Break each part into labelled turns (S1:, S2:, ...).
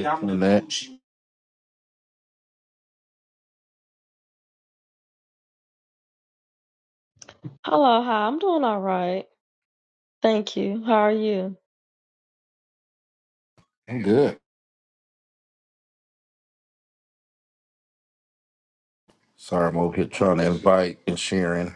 S1: Hey, Lynette.
S2: Hello, hi. I'm doing all right. Thank you. How are you?
S1: I'm good. Sorry, I'm over here trying to invite and sharing.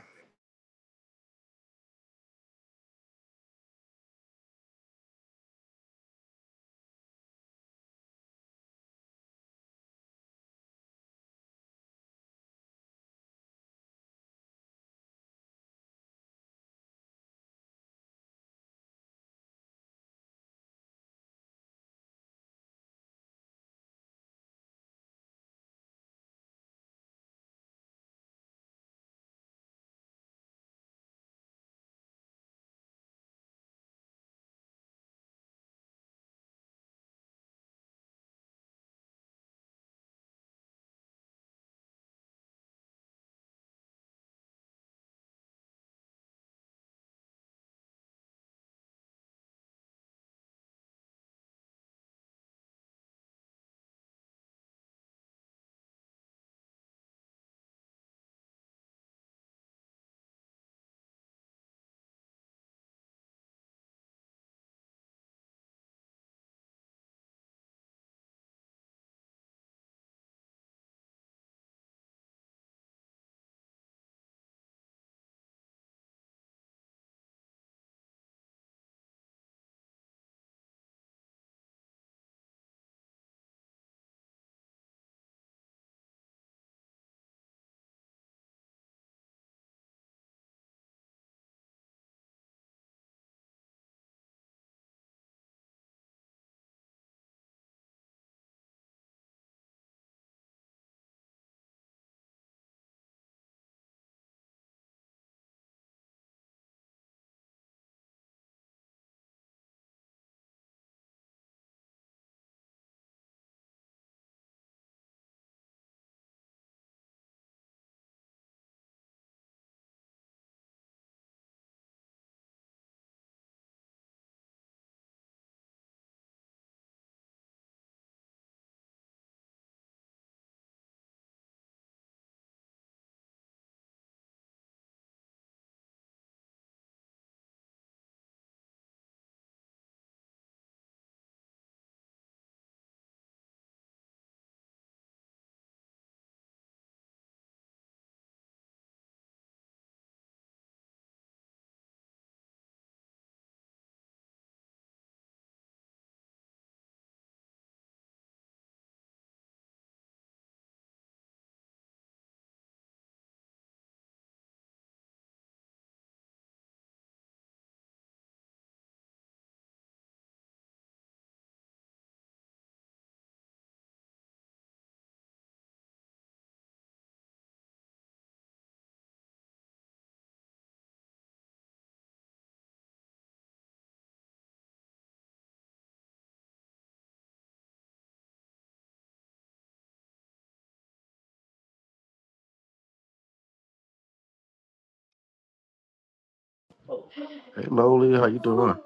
S1: Hey, Loli, how you doing?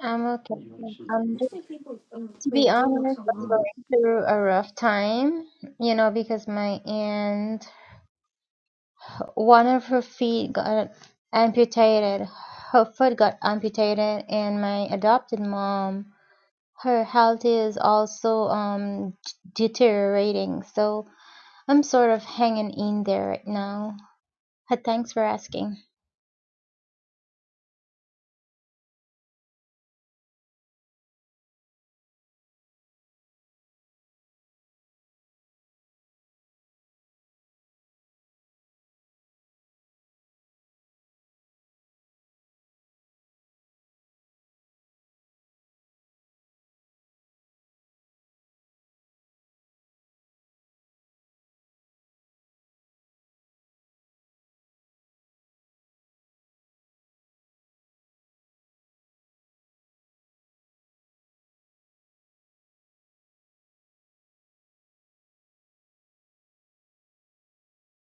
S3: I'm okay. Um, just to be honest, I'm going through a rough time, you know, because my aunt, one of her feet got amputated. Her foot got amputated, and my adopted mom, her health is also um d- deteriorating. So I'm sort of hanging in there right now. Uh, Thanks for asking.